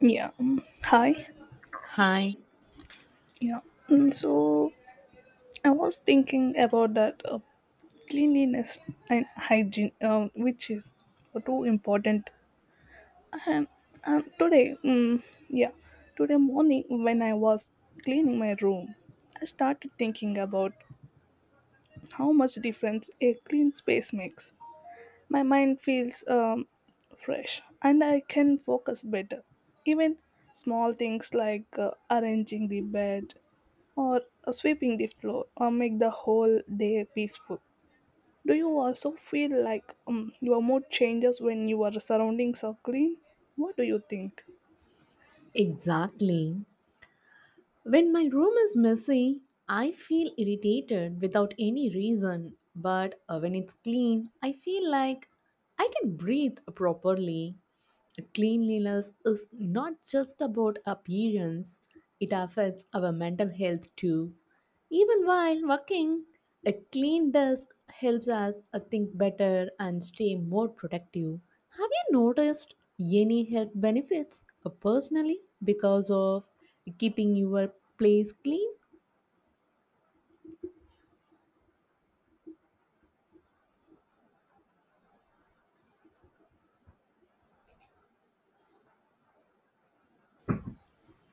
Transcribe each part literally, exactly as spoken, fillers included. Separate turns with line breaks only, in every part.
Yeah. mm, Hi.
Hi,
Yeah. Mm, So I was thinking about that uh, cleanliness and hygiene, um, which is too important. And um, today, um, yeah, today morning when I was cleaning my room, I started thinking about how much difference a clean space makes. My mind feels um, fresh, and I can focus better. Even small things like uh, arranging the bed or sweeping the floor or make the whole day peaceful. Do you also feel like um, your mood changes when your surroundings are clean? What do you think?
exactly. When my room is messy, I feel irritated without any reason, but uh, when it's clean, I feel like I can breathe properly. Cleanliness is not just about appearance, it affects our mental health too. Even while working, a clean desk helps us uh, think better and stay more productive. Have you noticed any health benefits uh, personally because of keeping your place clean?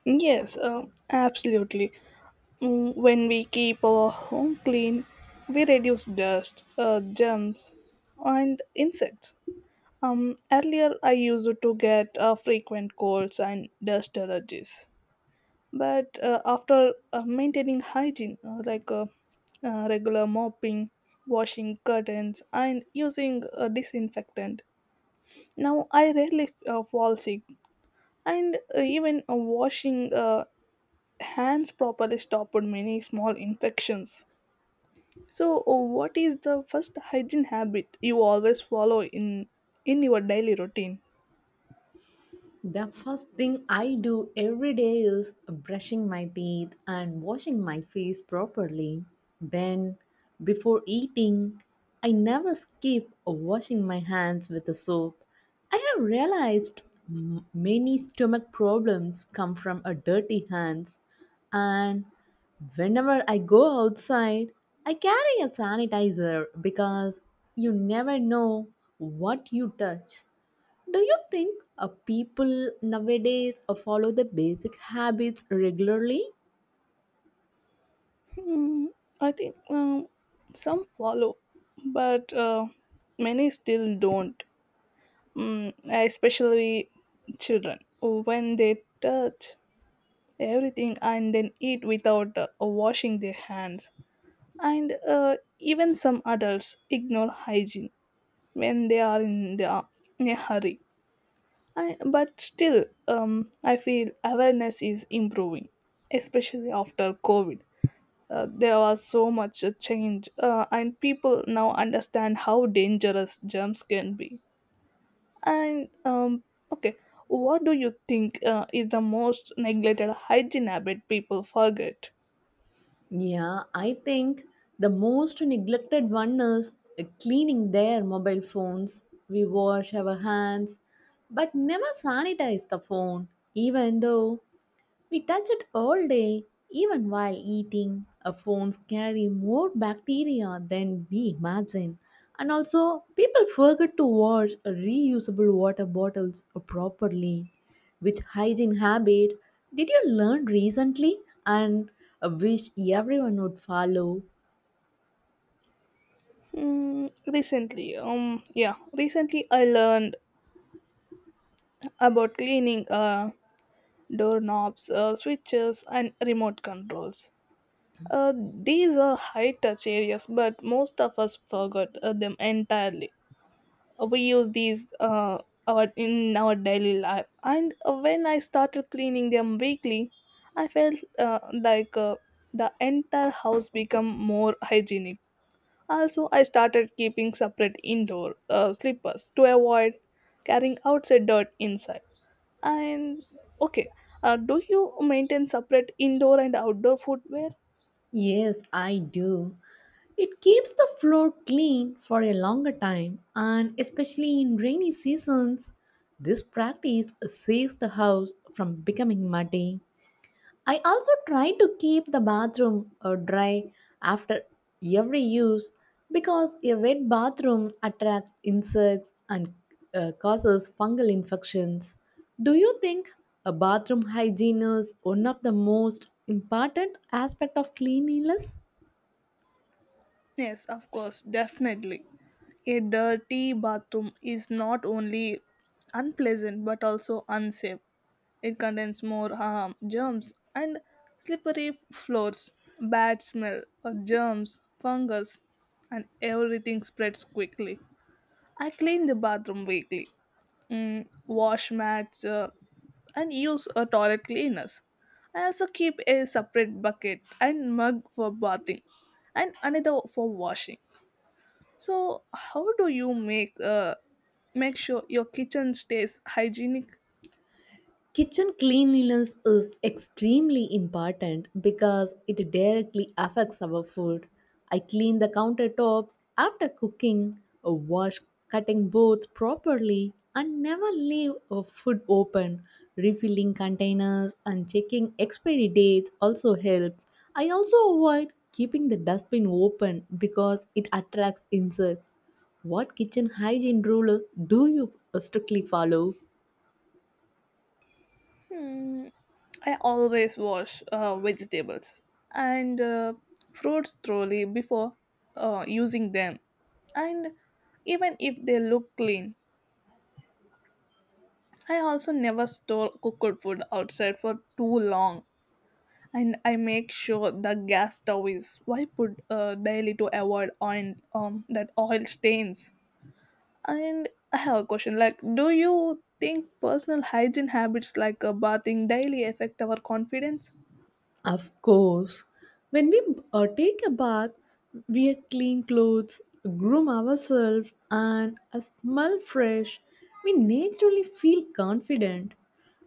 Yes, um, absolutely. Mm, when we keep our home clean, we reduce dust, uh, germs, and insects. Um, earlier, I used to get uh, frequent colds and dust allergies, but uh, after uh, maintaining hygiene uh, like uh, uh, regular mopping, washing curtains, and using uh, disinfectant. Now I rarely uh, fall sick, and uh, even uh, washing uh, hands properly stopped many small infections. So uh, what is the first hygiene habit you always follow in in your daily routine?
The first thing I do every day is brushing my teeth and washing my face properly. Then, before eating, I never skip washing my hands with the soap. I have realized m- many stomach problems come from a dirty hands and whenever I go outside, I carry a sanitizer because you never know what you touch. Do you think uh, people nowadays uh, follow the basic habits regularly?
Hmm, I think um, some follow, but uh, many still don't. Mm, especially children, when they touch everything and then eat without uh, washing their hands, and uh, even some adults ignore hygiene when they are in, the, uh, in a hurry. I, but still um, I feel awareness is improving, especially after COVID. Uh, there was so much uh, change, uh, and people now understand how dangerous germs can be. And um, okay, what do you think uh, is the most neglected hygiene habit people forget?
Yeah, I think the most neglected one is uh, cleaning their mobile phones. We wash our hands but never sanitize the phone, even though We touch it all day, even while eating. Our phones carry more bacteria than we imagine. And also, people forget to wash reusable water bottles properly. Which hygiene habit did you learn recently and wish everyone would follow?
Hmm, recently, um, yeah, recently I learned about cleaning uh, doorknobs, uh, switches, and remote controls. Uh, these are high touch areas, but most of us forgot uh, them entirely. Uh, we use these uh, our in our daily life, and uh, when I started cleaning them weekly, i felt uh, like uh, the entire house become more hygienic. Also, I started keeping separate indoor uh, slippers to avoid carrying outside dirt inside. And okay uh, Do you maintain separate indoor and outdoor footwear?
Yes, I do. It keeps the floor clean for a longer time, and especially in rainy seasons, this practice saves the house from becoming muddy. I also try to keep the bathroom uh, dry after every use because a wet bathroom attracts insects and uh, causes fungal infections. Do you think a bathroom hygiene is one of the most important aspect of cleanliness?
Yes, of course, definitely. A dirty bathroom is not only unpleasant but also unsafe. It contains more harm, germs, and slippery floors, bad smell of germs, fungus, and everything spreads quickly. I clean the bathroom weekly, mm, wash mats, uh, and use a toilet cleaners. I also keep a separate bucket and mug for bathing and another for washing. So, how do you make uh, make sure your kitchen stays hygienic?
Kitchen cleanliness is extremely important because it directly affects our food. I clean the countertops after cooking, uh, wash cutting boards properly, and never leave a food open. Refilling containers and checking expiry dates also helps. I also avoid keeping the dustbin open because it attracts insects. What kitchen hygiene rule do you uh, strictly follow?
Hmm, I always wash uh, vegetables and uh, fruits thoroughly before uh, using them, and even if they look clean, I also never store cooked food outside for too long. And I make sure the gas stove is wiped uh, daily to avoid oil, um, that oil stains. And I have a question like, do you think personal hygiene habits like uh, bathing daily affect our confidence?
Of course, when we uh, take a bath, wear clean clothes, groom ourselves, and uh, smell fresh, we naturally feel confident.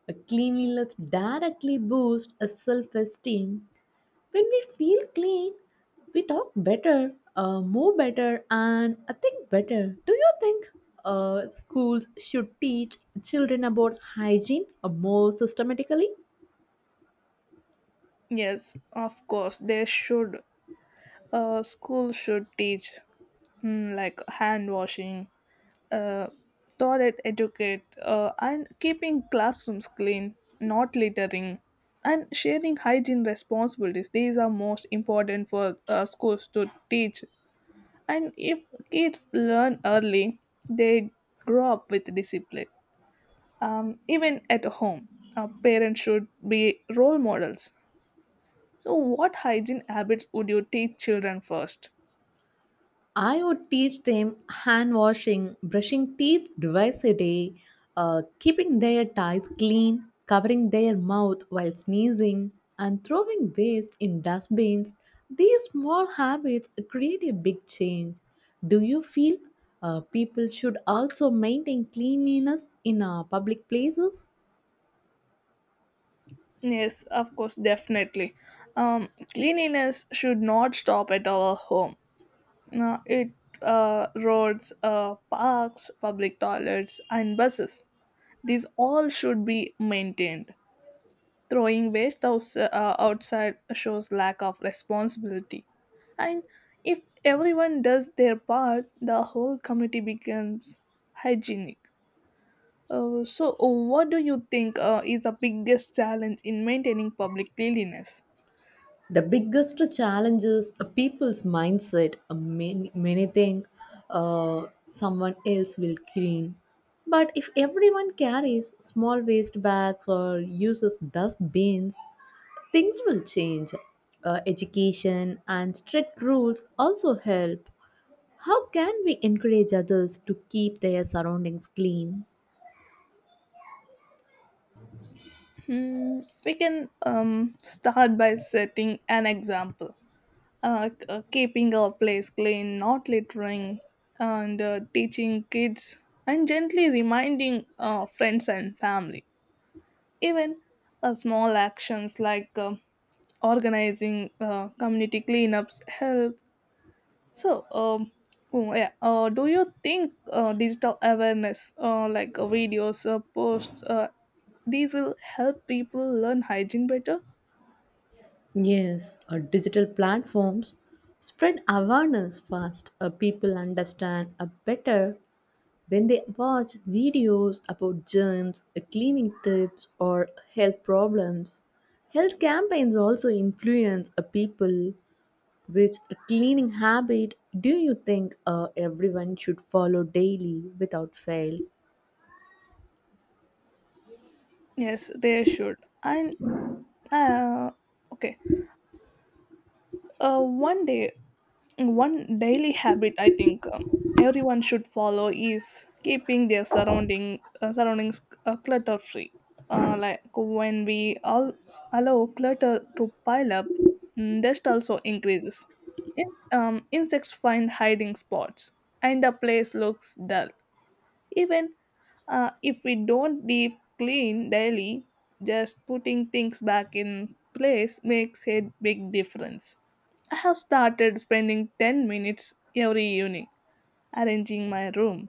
A cleanliness directly boosts a self-esteem. When we feel clean, we talk better, uh, move better, and uh, think better. Do you think uh, schools should teach children about hygiene uh, more systematically?
Yes, of course, they should. Uh, school should teach, mm, like hand washing, uh, toilet etiquette, uh, and keeping classrooms clean, not littering, and sharing hygiene responsibilities. These are most important for uh, schools to teach. And if kids learn early, they grow up with discipline. Um, even at home, uh, parents should be role models. So, what hygiene habits would you teach children first?
I would teach them hand washing, brushing teeth twice a day, uh, keeping their ties clean, covering their mouth while sneezing, and throwing waste in dustbins. These small habits create a big change. Do you feel uh, people should also maintain cleanliness in uh, public places?
Yes, of course, definitely. Um, cleanliness should not stop at our home. Uh, it uh, roads, uh, parks, public toilets, and buses. These all should be maintained. Throwing waste outs- uh, outside shows lack of responsibility. And if everyone does their part, the whole community becomes hygienic. Uh, so, uh, what do you think uh, is the biggest challenge in maintaining public cleanliness?
The biggest challenge is a people's mindset. Uh, Many, many think uh, someone else will clean. But if everyone carries small waste bags or uses dustbins, things will change. Uh, education and strict rules also help. How can we encourage others to keep their surroundings clean?
Hmm, we can um, start by setting an example. Uh, k- uh, keeping our place clean, not littering, and uh, teaching kids, and gently reminding uh, friends and family. Even uh, small actions like uh, organizing uh, community cleanups help. So, um, oh, yeah, uh, do you think uh, digital awareness, uh, like uh, videos, uh, posts, uh, these will help people learn hygiene better?
Yes, uh, digital platforms spread awareness fast. Uh, people understand uh, better When they watch videos about germs, uh, cleaning tips, or health problems. Health campaigns also influence a people. Which cleaning habit do you think uh, everyone should follow daily without fail?
Yes, they should. And uh, okay. Uh, one day, One daily habit I think um, everyone should follow is keeping their surrounding uh, surroundings uh, clutter free. Uh, like when we all allow clutter to pile up, mm, dust also increases. In, um, insects find hiding spots, and the place looks dull. Even uh, if we don't deep clean daily, just putting things back in place makes a big difference. I have started spending ten minutes every evening arranging my room.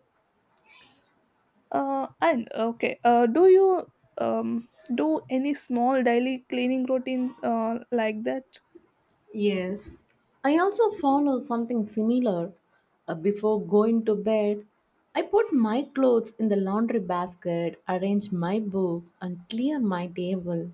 Uh, and okay, uh, do you um, do any small daily cleaning routine uh, like that?
Yes, I also follow something similar. Uh, before going to bed, I put my clothes in the laundry basket, arrange my books, and clear my table.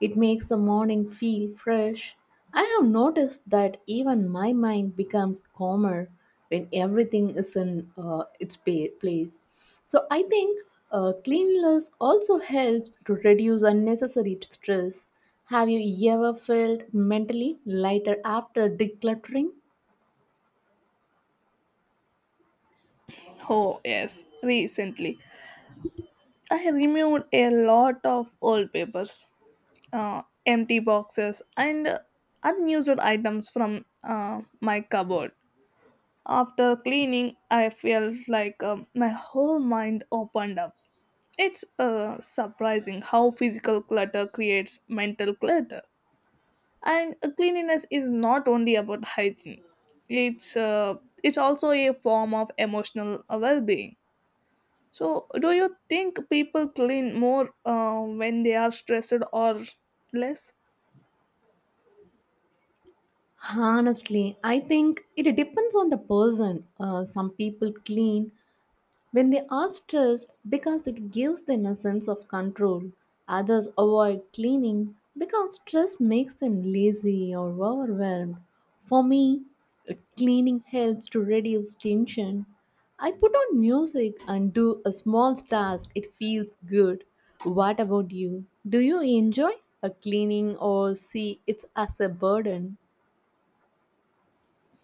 It makes the morning feel fresh. I have noticed that even my mind becomes calmer when everything is in uh, its pa- place. So I think uh, cleanliness also helps to reduce unnecessary stress. Have you ever felt mentally lighter after decluttering?
Oh, yes, recently. I removed a lot of old papers, uh, empty boxes, and unused items from uh, my cupboard. After cleaning, I felt like um, my whole mind opened up. It's uh, surprising how physical clutter creates mental clutter. And cleanliness is not only about hygiene. It's uh, it's also a form of emotional well-being. So, do you think people clean more uh, when they are stressed or less?
Honestly, I think it depends on the person. Uh, some people clean When they are stressed because it gives them a sense of control. Others avoid cleaning because stress makes them lazy or overwhelmed. For me, cleaning helps to reduce tension. I put on music and do a small task, it feels good. What about you? Do you enjoy a cleaning or see it as a burden?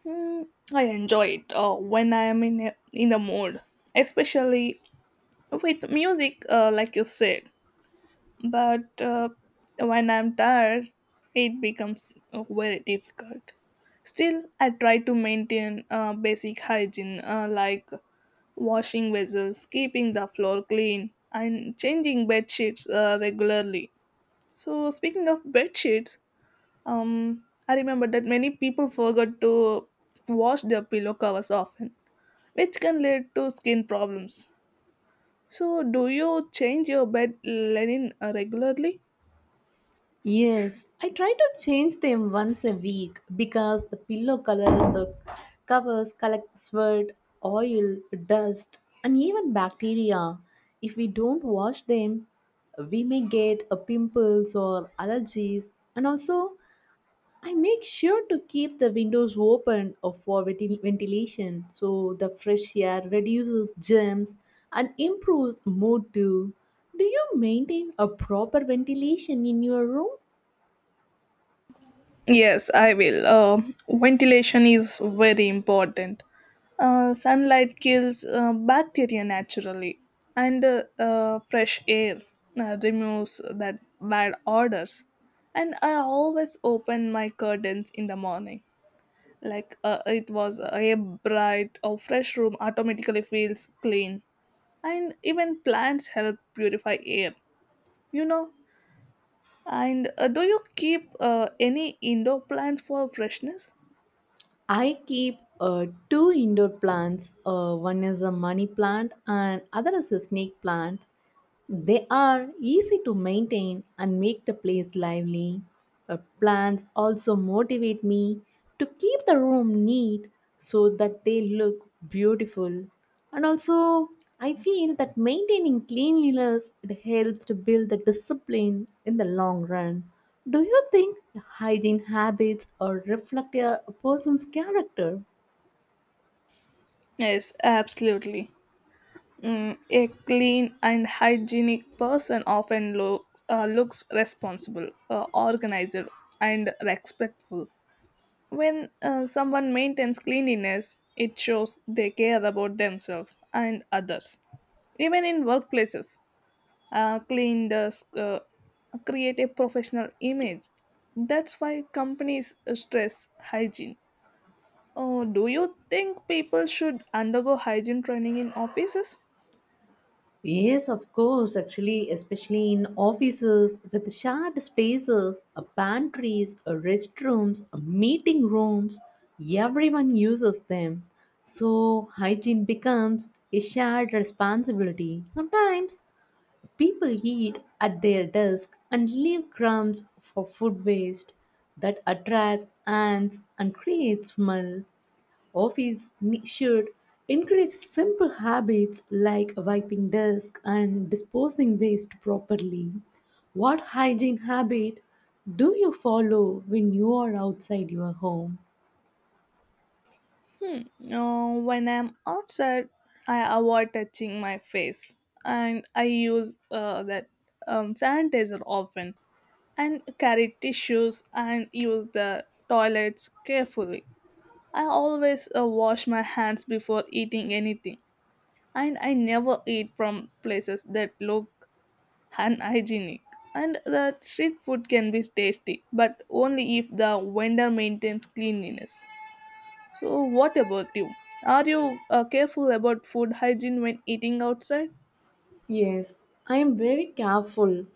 Hmm, I enjoy it uh, when I am in a, in the mood, especially with music, uh, like you said. But uh, when I'm tired, it becomes uh, very difficult. Still, I try to maintain uh, basic hygiene uh, like washing vessels, keeping the floor clean, and changing bed sheets uh, regularly. So, speaking of bed sheets, um, I remember that many people forgot to wash their pillow covers often, which can lead to skin problems. So, do you change your bed linen uh, regularly?
Yes, I try to change them once a week because the pillow color the covers collect sweat, oil, dust, and even bacteria. If we don't wash them, we may get uh, pimples or allergies. And also, I make sure to keep the windows open uh, for venti- ventilation so the fresh air reduces germs and improves mood too. Do you maintain a proper ventilation in your room?
Yes, I will. Uh, ventilation is very important. Uh, sunlight kills uh, bacteria naturally, and uh, uh, fresh air uh, removes that bad odors. And I always open my curtains in the morning, like uh, it was a bright or fresh room automatically feels clean, and even plants help purify air, you know. And uh, do you keep uh, any indoor plants for freshness?
I keep uh, two indoor plants. Uh, one is a money plant and other is a snake plant. They are easy to maintain and make the place lively. Uh, plants also motivate me to keep the room neat so that they look beautiful. And also, I feel that maintaining cleanliness it helps to build the discipline in the long run. Do you think hygiene habits or reflect a person's character?
Yes, absolutely. Mm, a clean and hygienic person often looks uh, looks responsible, uh, organized, and respectful. When uh, someone maintains cleanliness, it shows they care about themselves and others. Even in workplaces, uh, clean desk uh, create a professional image. That's why companies stress hygiene. Oh, do you think people should undergo hygiene training in offices?
Yes, of course, actually, especially in offices with shared spaces, uh, pantries, uh, restrooms, uh, meeting rooms, everyone uses them. So, hygiene becomes a shared responsibility. Sometimes people eat at their desk and leave crumbs for food waste that attracts ants and creates smell. Office ne- should encourage simple habits like wiping desk and disposing waste properly. What hygiene habit do you follow when you are outside your home?
Hmm. Uh, when I'm outside, I avoid touching my face, and I use uh, that um, sanitizer often, and carry tissues and use the toilets carefully. I always uh, wash my hands before eating anything, and I never eat from places that look unhygienic. And the street food can be tasty, but only if the vendor maintains cleanliness. So, what about you? Are you uh, careful about food hygiene when eating outside?
Yes, I am very careful.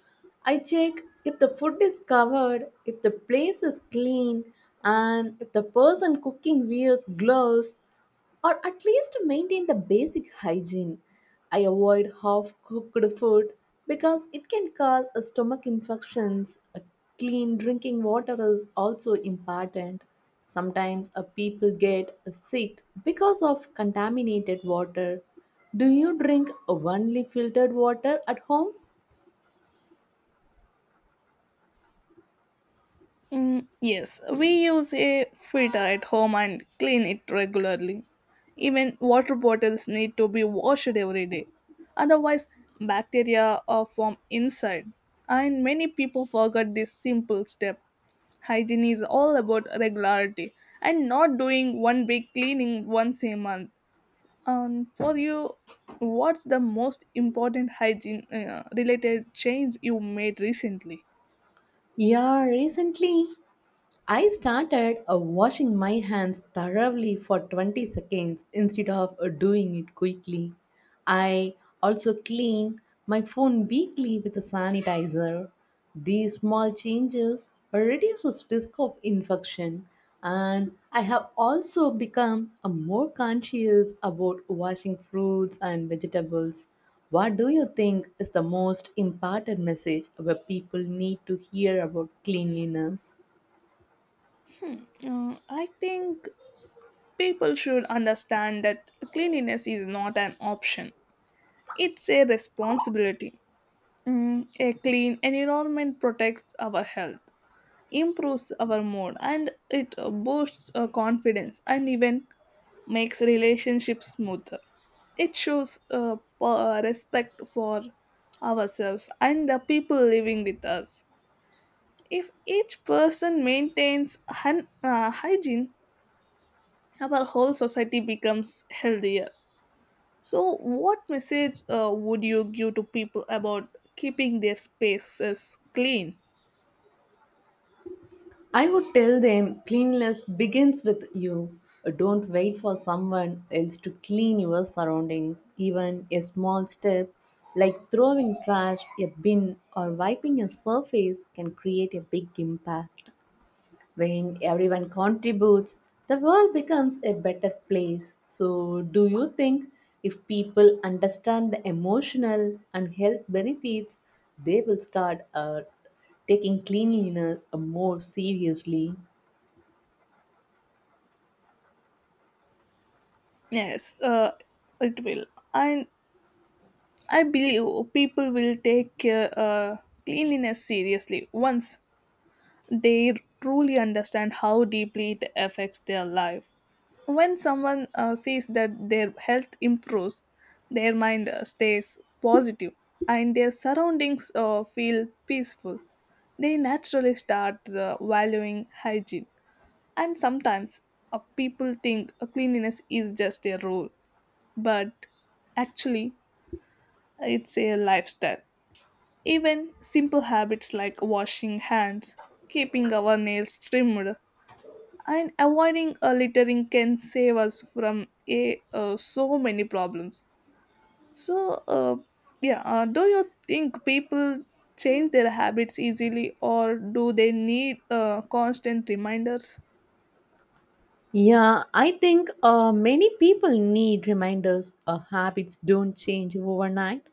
I check if the food is covered, if the place is clean, and if the person cooking wears gloves or at least maintain the basic hygiene. I avoid half cooked food because it can cause a stomach infections. A clean drinking water is also important. Sometimes a people get sick because of contaminated water. Do you drink only filtered water at home?
Mm, yes, we use a filter at home and clean it regularly. Even water bottles need to be washed every day. Otherwise, bacteria are form inside. And many people forget this simple step. Hygiene is all about regularity and not doing one big cleaning once a month. And for you, what's the most important hygiene uh, related change you made recently?
Yeah, recently I started uh, washing my hands thoroughly for twenty seconds instead of uh, doing it quickly. I also clean my phone weekly with a sanitizer. These small changes reduces risk of infection and I have also become a more conscious about washing fruits and vegetables. What do you think is the most important message where people need to hear about cleanliness?
Uh, I think people should understand that cleanliness is not an option, it's a responsibility. Mm, a clean environment protects our health, improves our mood, and it uh, boosts uh, confidence, and even makes relationships smoother. It shows uh, p- uh, respect for ourselves and the people living with us. If each person maintains hun- uh, hygiene, our whole society becomes healthier. So, what message uh, would you give to people about keeping their spaces clean?
I would tell them cleanliness begins with you. Don't wait for someone else to clean your surroundings. Even a small step like throwing trash, a bin, or wiping a surface can create a big impact. When everyone contributes, the world becomes a better place. So, do you think if people understand the emotional and health benefits, they will start uh, taking cleanliness uh, more seriously?
Yes, uh, it will. And I believe people will take uh, uh, cleanliness seriously once they truly understand how deeply it affects their life. When someone uh, sees that their health improves, their mind uh, stays positive, and their surroundings uh, feel peaceful, they naturally start uh, valuing hygiene. And sometimes uh, people think uh, cleanliness is just a rule, but actually, it's a lifestyle. Even simple habits like washing hands, keeping our nails trimmed, and avoiding a littering can save us from a uh, so many problems. So uh, yeah uh, do you think people change their habits easily, or do they need uh, constant reminders?
Yeah, I think uh, many people need reminders. Uh, habits don't change overnight.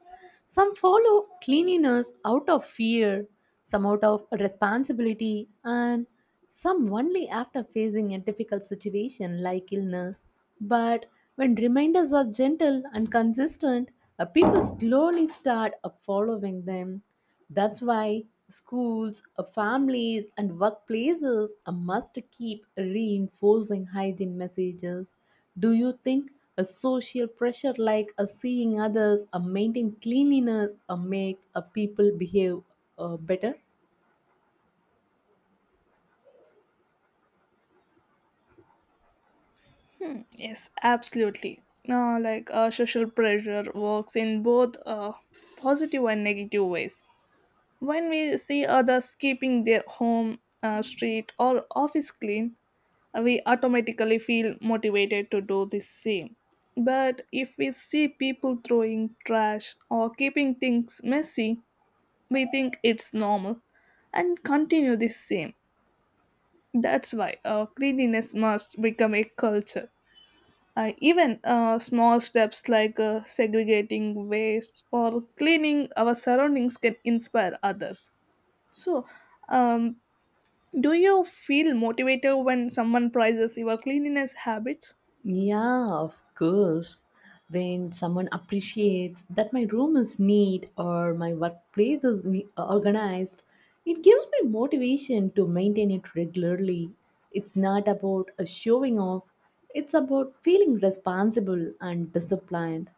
Some follow cleanliness out of fear, some out of responsibility, and some only after facing a difficult situation like illness. But when reminders are gentle and consistent, uh, people slowly start uh, following them. That's why schools, uh, families, and workplaces uh, must keep reinforcing hygiene messages. Do you think a social pressure like uh, seeing others uh, maintain cleanliness uh, makes uh, people behave uh, better?
Hmm, yes, absolutely. Now, like uh, social pressure works in both uh, positive and negative ways. When we see others keeping their home, uh, street, or office clean, we automatically feel motivated to do the same. But if we see people throwing trash or keeping things messy, we think it's normal and continue the same. That's why uh, cleanliness must become a culture. Uh, even uh, small steps like uh, segregating waste or cleaning our surroundings can inspire others. So, um, do you feel motivated when someone praises your cleanliness habits?
Yeah, of course. When someone appreciates that my room is neat or my workplace is ne- uh, organized, it gives me motivation to maintain it regularly. It's not about a showing off, it's about feeling responsible and disciplined.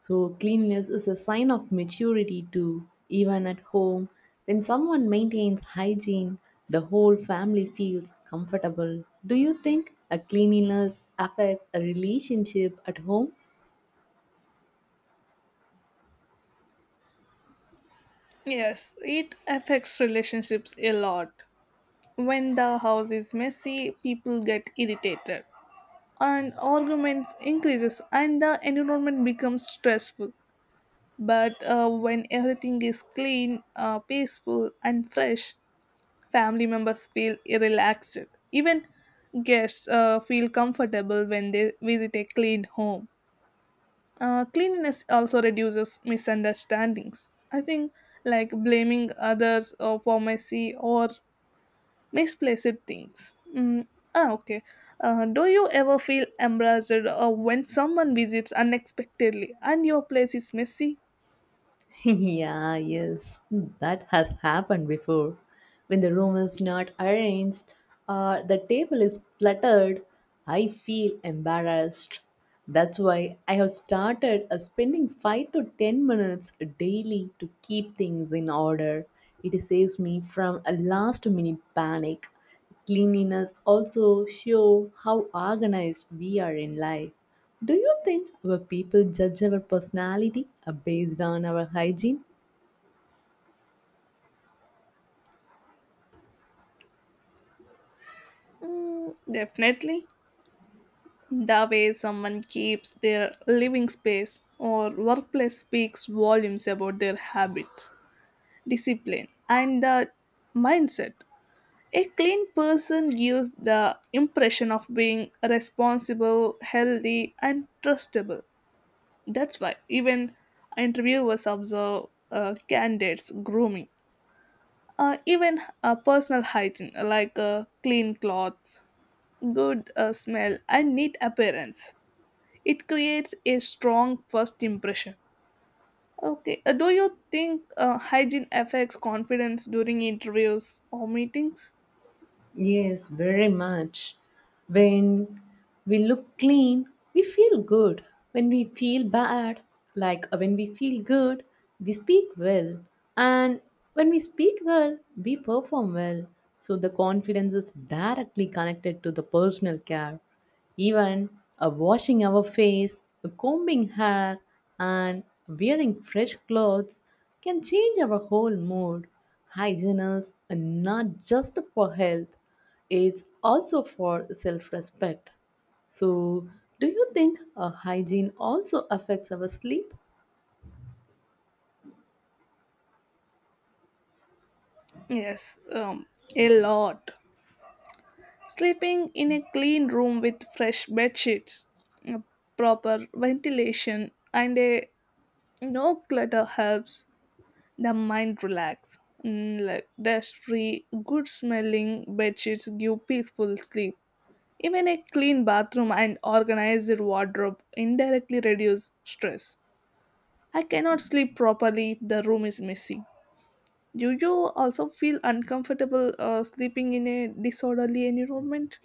So, cleanliness is a sign of maturity too. Even at home, when someone maintains hygiene, the whole family feels comfortable. Do you think a cleanliness affects a relationship at home?
Yes, it affects relationships a lot. When the house is messy, people get irritated and arguments increases and the environment becomes stressful. But uh, when everything is clean, uh, peaceful and fresh, family members feel relaxed. Even guests uh, feel comfortable when they visit a clean home. Uh, cleanliness also reduces misunderstandings. I think, like blaming others uh, for messy or misplaced things. Mm. Ah, okay. Uh, do you ever feel embarrassed uh, when someone visits unexpectedly and your place is messy?
yeah, yes, that has happened before. When the room is not arranged or the table is cluttered, I feel embarrassed. That's why I have started uh, spending five to ten minutes daily to keep things in order. It saves me from a last minute panic. Cleanliness also show how organized we are in life. Do you think our people judge our personality uh, based on our hygiene?
Mm, definitely. The way someone keeps their living space or workplace speaks volumes about their habits, discipline, and the mindset. A clean person gives the impression of being responsible, healthy, and trustable. That's why even interviewers observe uh, candidates' grooming, uh, even uh, personal hygiene like uh, clean clothes, good uh, smell, and neat appearance. It creates a strong first impression. Okay, uh, do you think uh, hygiene affects confidence during interviews or meetings?
Yes, very much. When we look clean, we feel good. When we feel bad, like uh, when we feel good, we speak well. And when we speak well, we perform well. So the confidence is directly connected to the personal care. Even uh, washing our face, uh, combing hair, and wearing fresh clothes can change our whole mood. Hygiene is uh, not just for health, it's also for self respect. So, do you think uh, hygiene also affects our sleep?
Yes, um, a lot. Sleeping in a clean room with fresh bed sheets, uh, proper ventilation, and a no clutter helps the mind relax. Mm, like dust-free, good-smelling bed sheets give peaceful sleep. Even a clean bathroom and organized wardrobe indirectly reduce stress. I cannot sleep properly if the room is messy. Do you also feel uncomfortable uh, sleeping in a disorderly environment?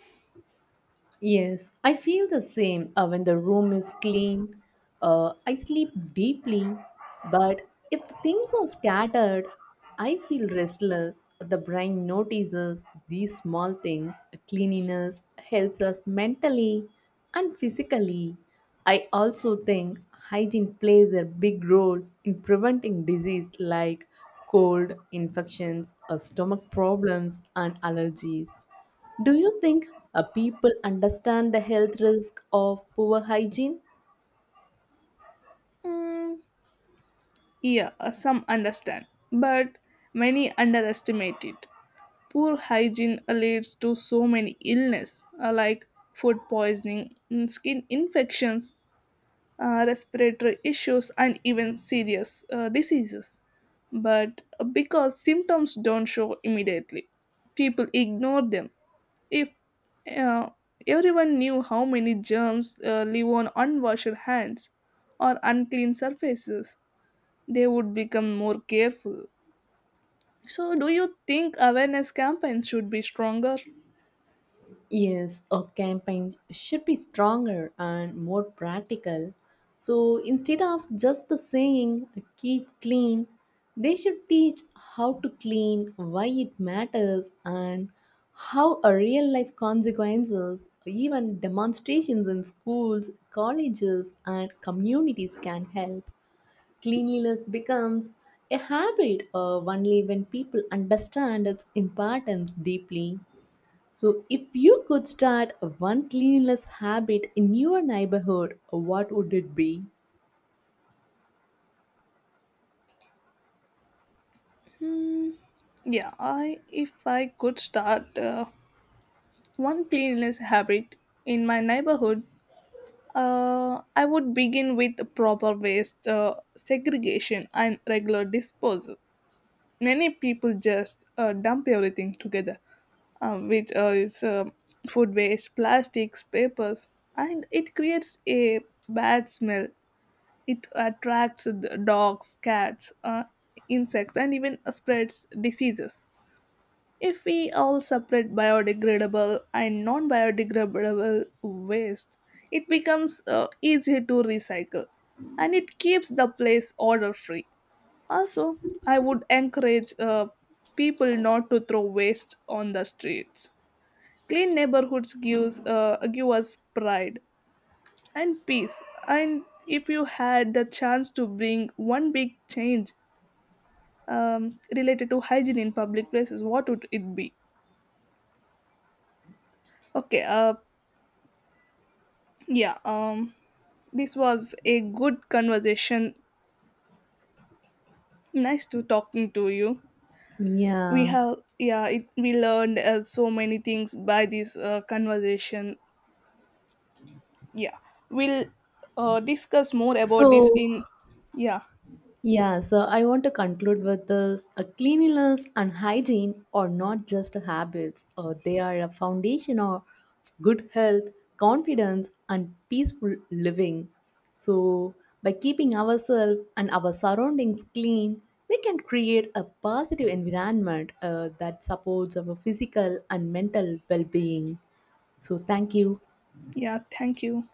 Yes, I feel the same uh, when the room is clean. Uh, I sleep deeply, but if the things are scattered, I feel restless. The brain notices these small things. Cleanliness helps us mentally and physically. I also think hygiene plays a big role in preventing disease like cold, infections, uh, stomach problems, and allergies. Do you think uh, people understand the health risk of poor hygiene?
Mm, yeah, uh, some understand, but many underestimate it. Poor hygiene uh, leads to so many illness uh, like food poisoning, mm, skin infections, uh, respiratory issues, and even serious uh, diseases. But uh, because symptoms don't show immediately, people ignore them. If uh, everyone knew how many germs uh, live on unwashed hands or unclean surfaces, they would become more careful. So, do you think awareness campaigns should be stronger?
Yes, a campaign should be stronger and more practical. So instead of just the saying keep clean, they should teach how to clean, why it matters, and how a real life consequences, even demonstrations in schools, colleges, and communities can help. Cleanliness becomes a habit uh, only when people understand its importance deeply. So, if you could start one cleanliness habit in your neighborhood, what would it be?
Yeah, I, if I could start uh, one cleanliness habit in my neighborhood, uh, I would begin with proper waste uh, segregation and regular disposal. Many people just uh, dump everything together, uh, which uh, is uh, food waste, plastics, papers, and it creates a bad smell. It attracts the dogs, cats, uh, insects, and even spreads diseases. If we all separate biodegradable and non biodegradable waste, it becomes uh, easier to recycle, and it keeps the place odor free. Also, I would encourage uh, people not to throw waste on the streets. Clean neighborhoods gives uh, give us pride and peace. And if you had the chance to bring one big change um, related to hygiene in public places, what would it be? Okay, uh, yeah, um, this was a good conversation. Nice to talking to you. We
Yeah.
have, yeah, it, we learned uh, so many things by this uh, conversation. Yeah, we'll uh, discuss more about this
So,
in, yeah,
Yeah, so I want to conclude with this. A cleanliness and hygiene are not just habits, uh, they are a foundation of good health, confidence, and peaceful living. So, by keeping ourselves and our surroundings clean, we can create a positive environment uh, that supports our physical and mental well being. So, thank you.
yeah, thank you.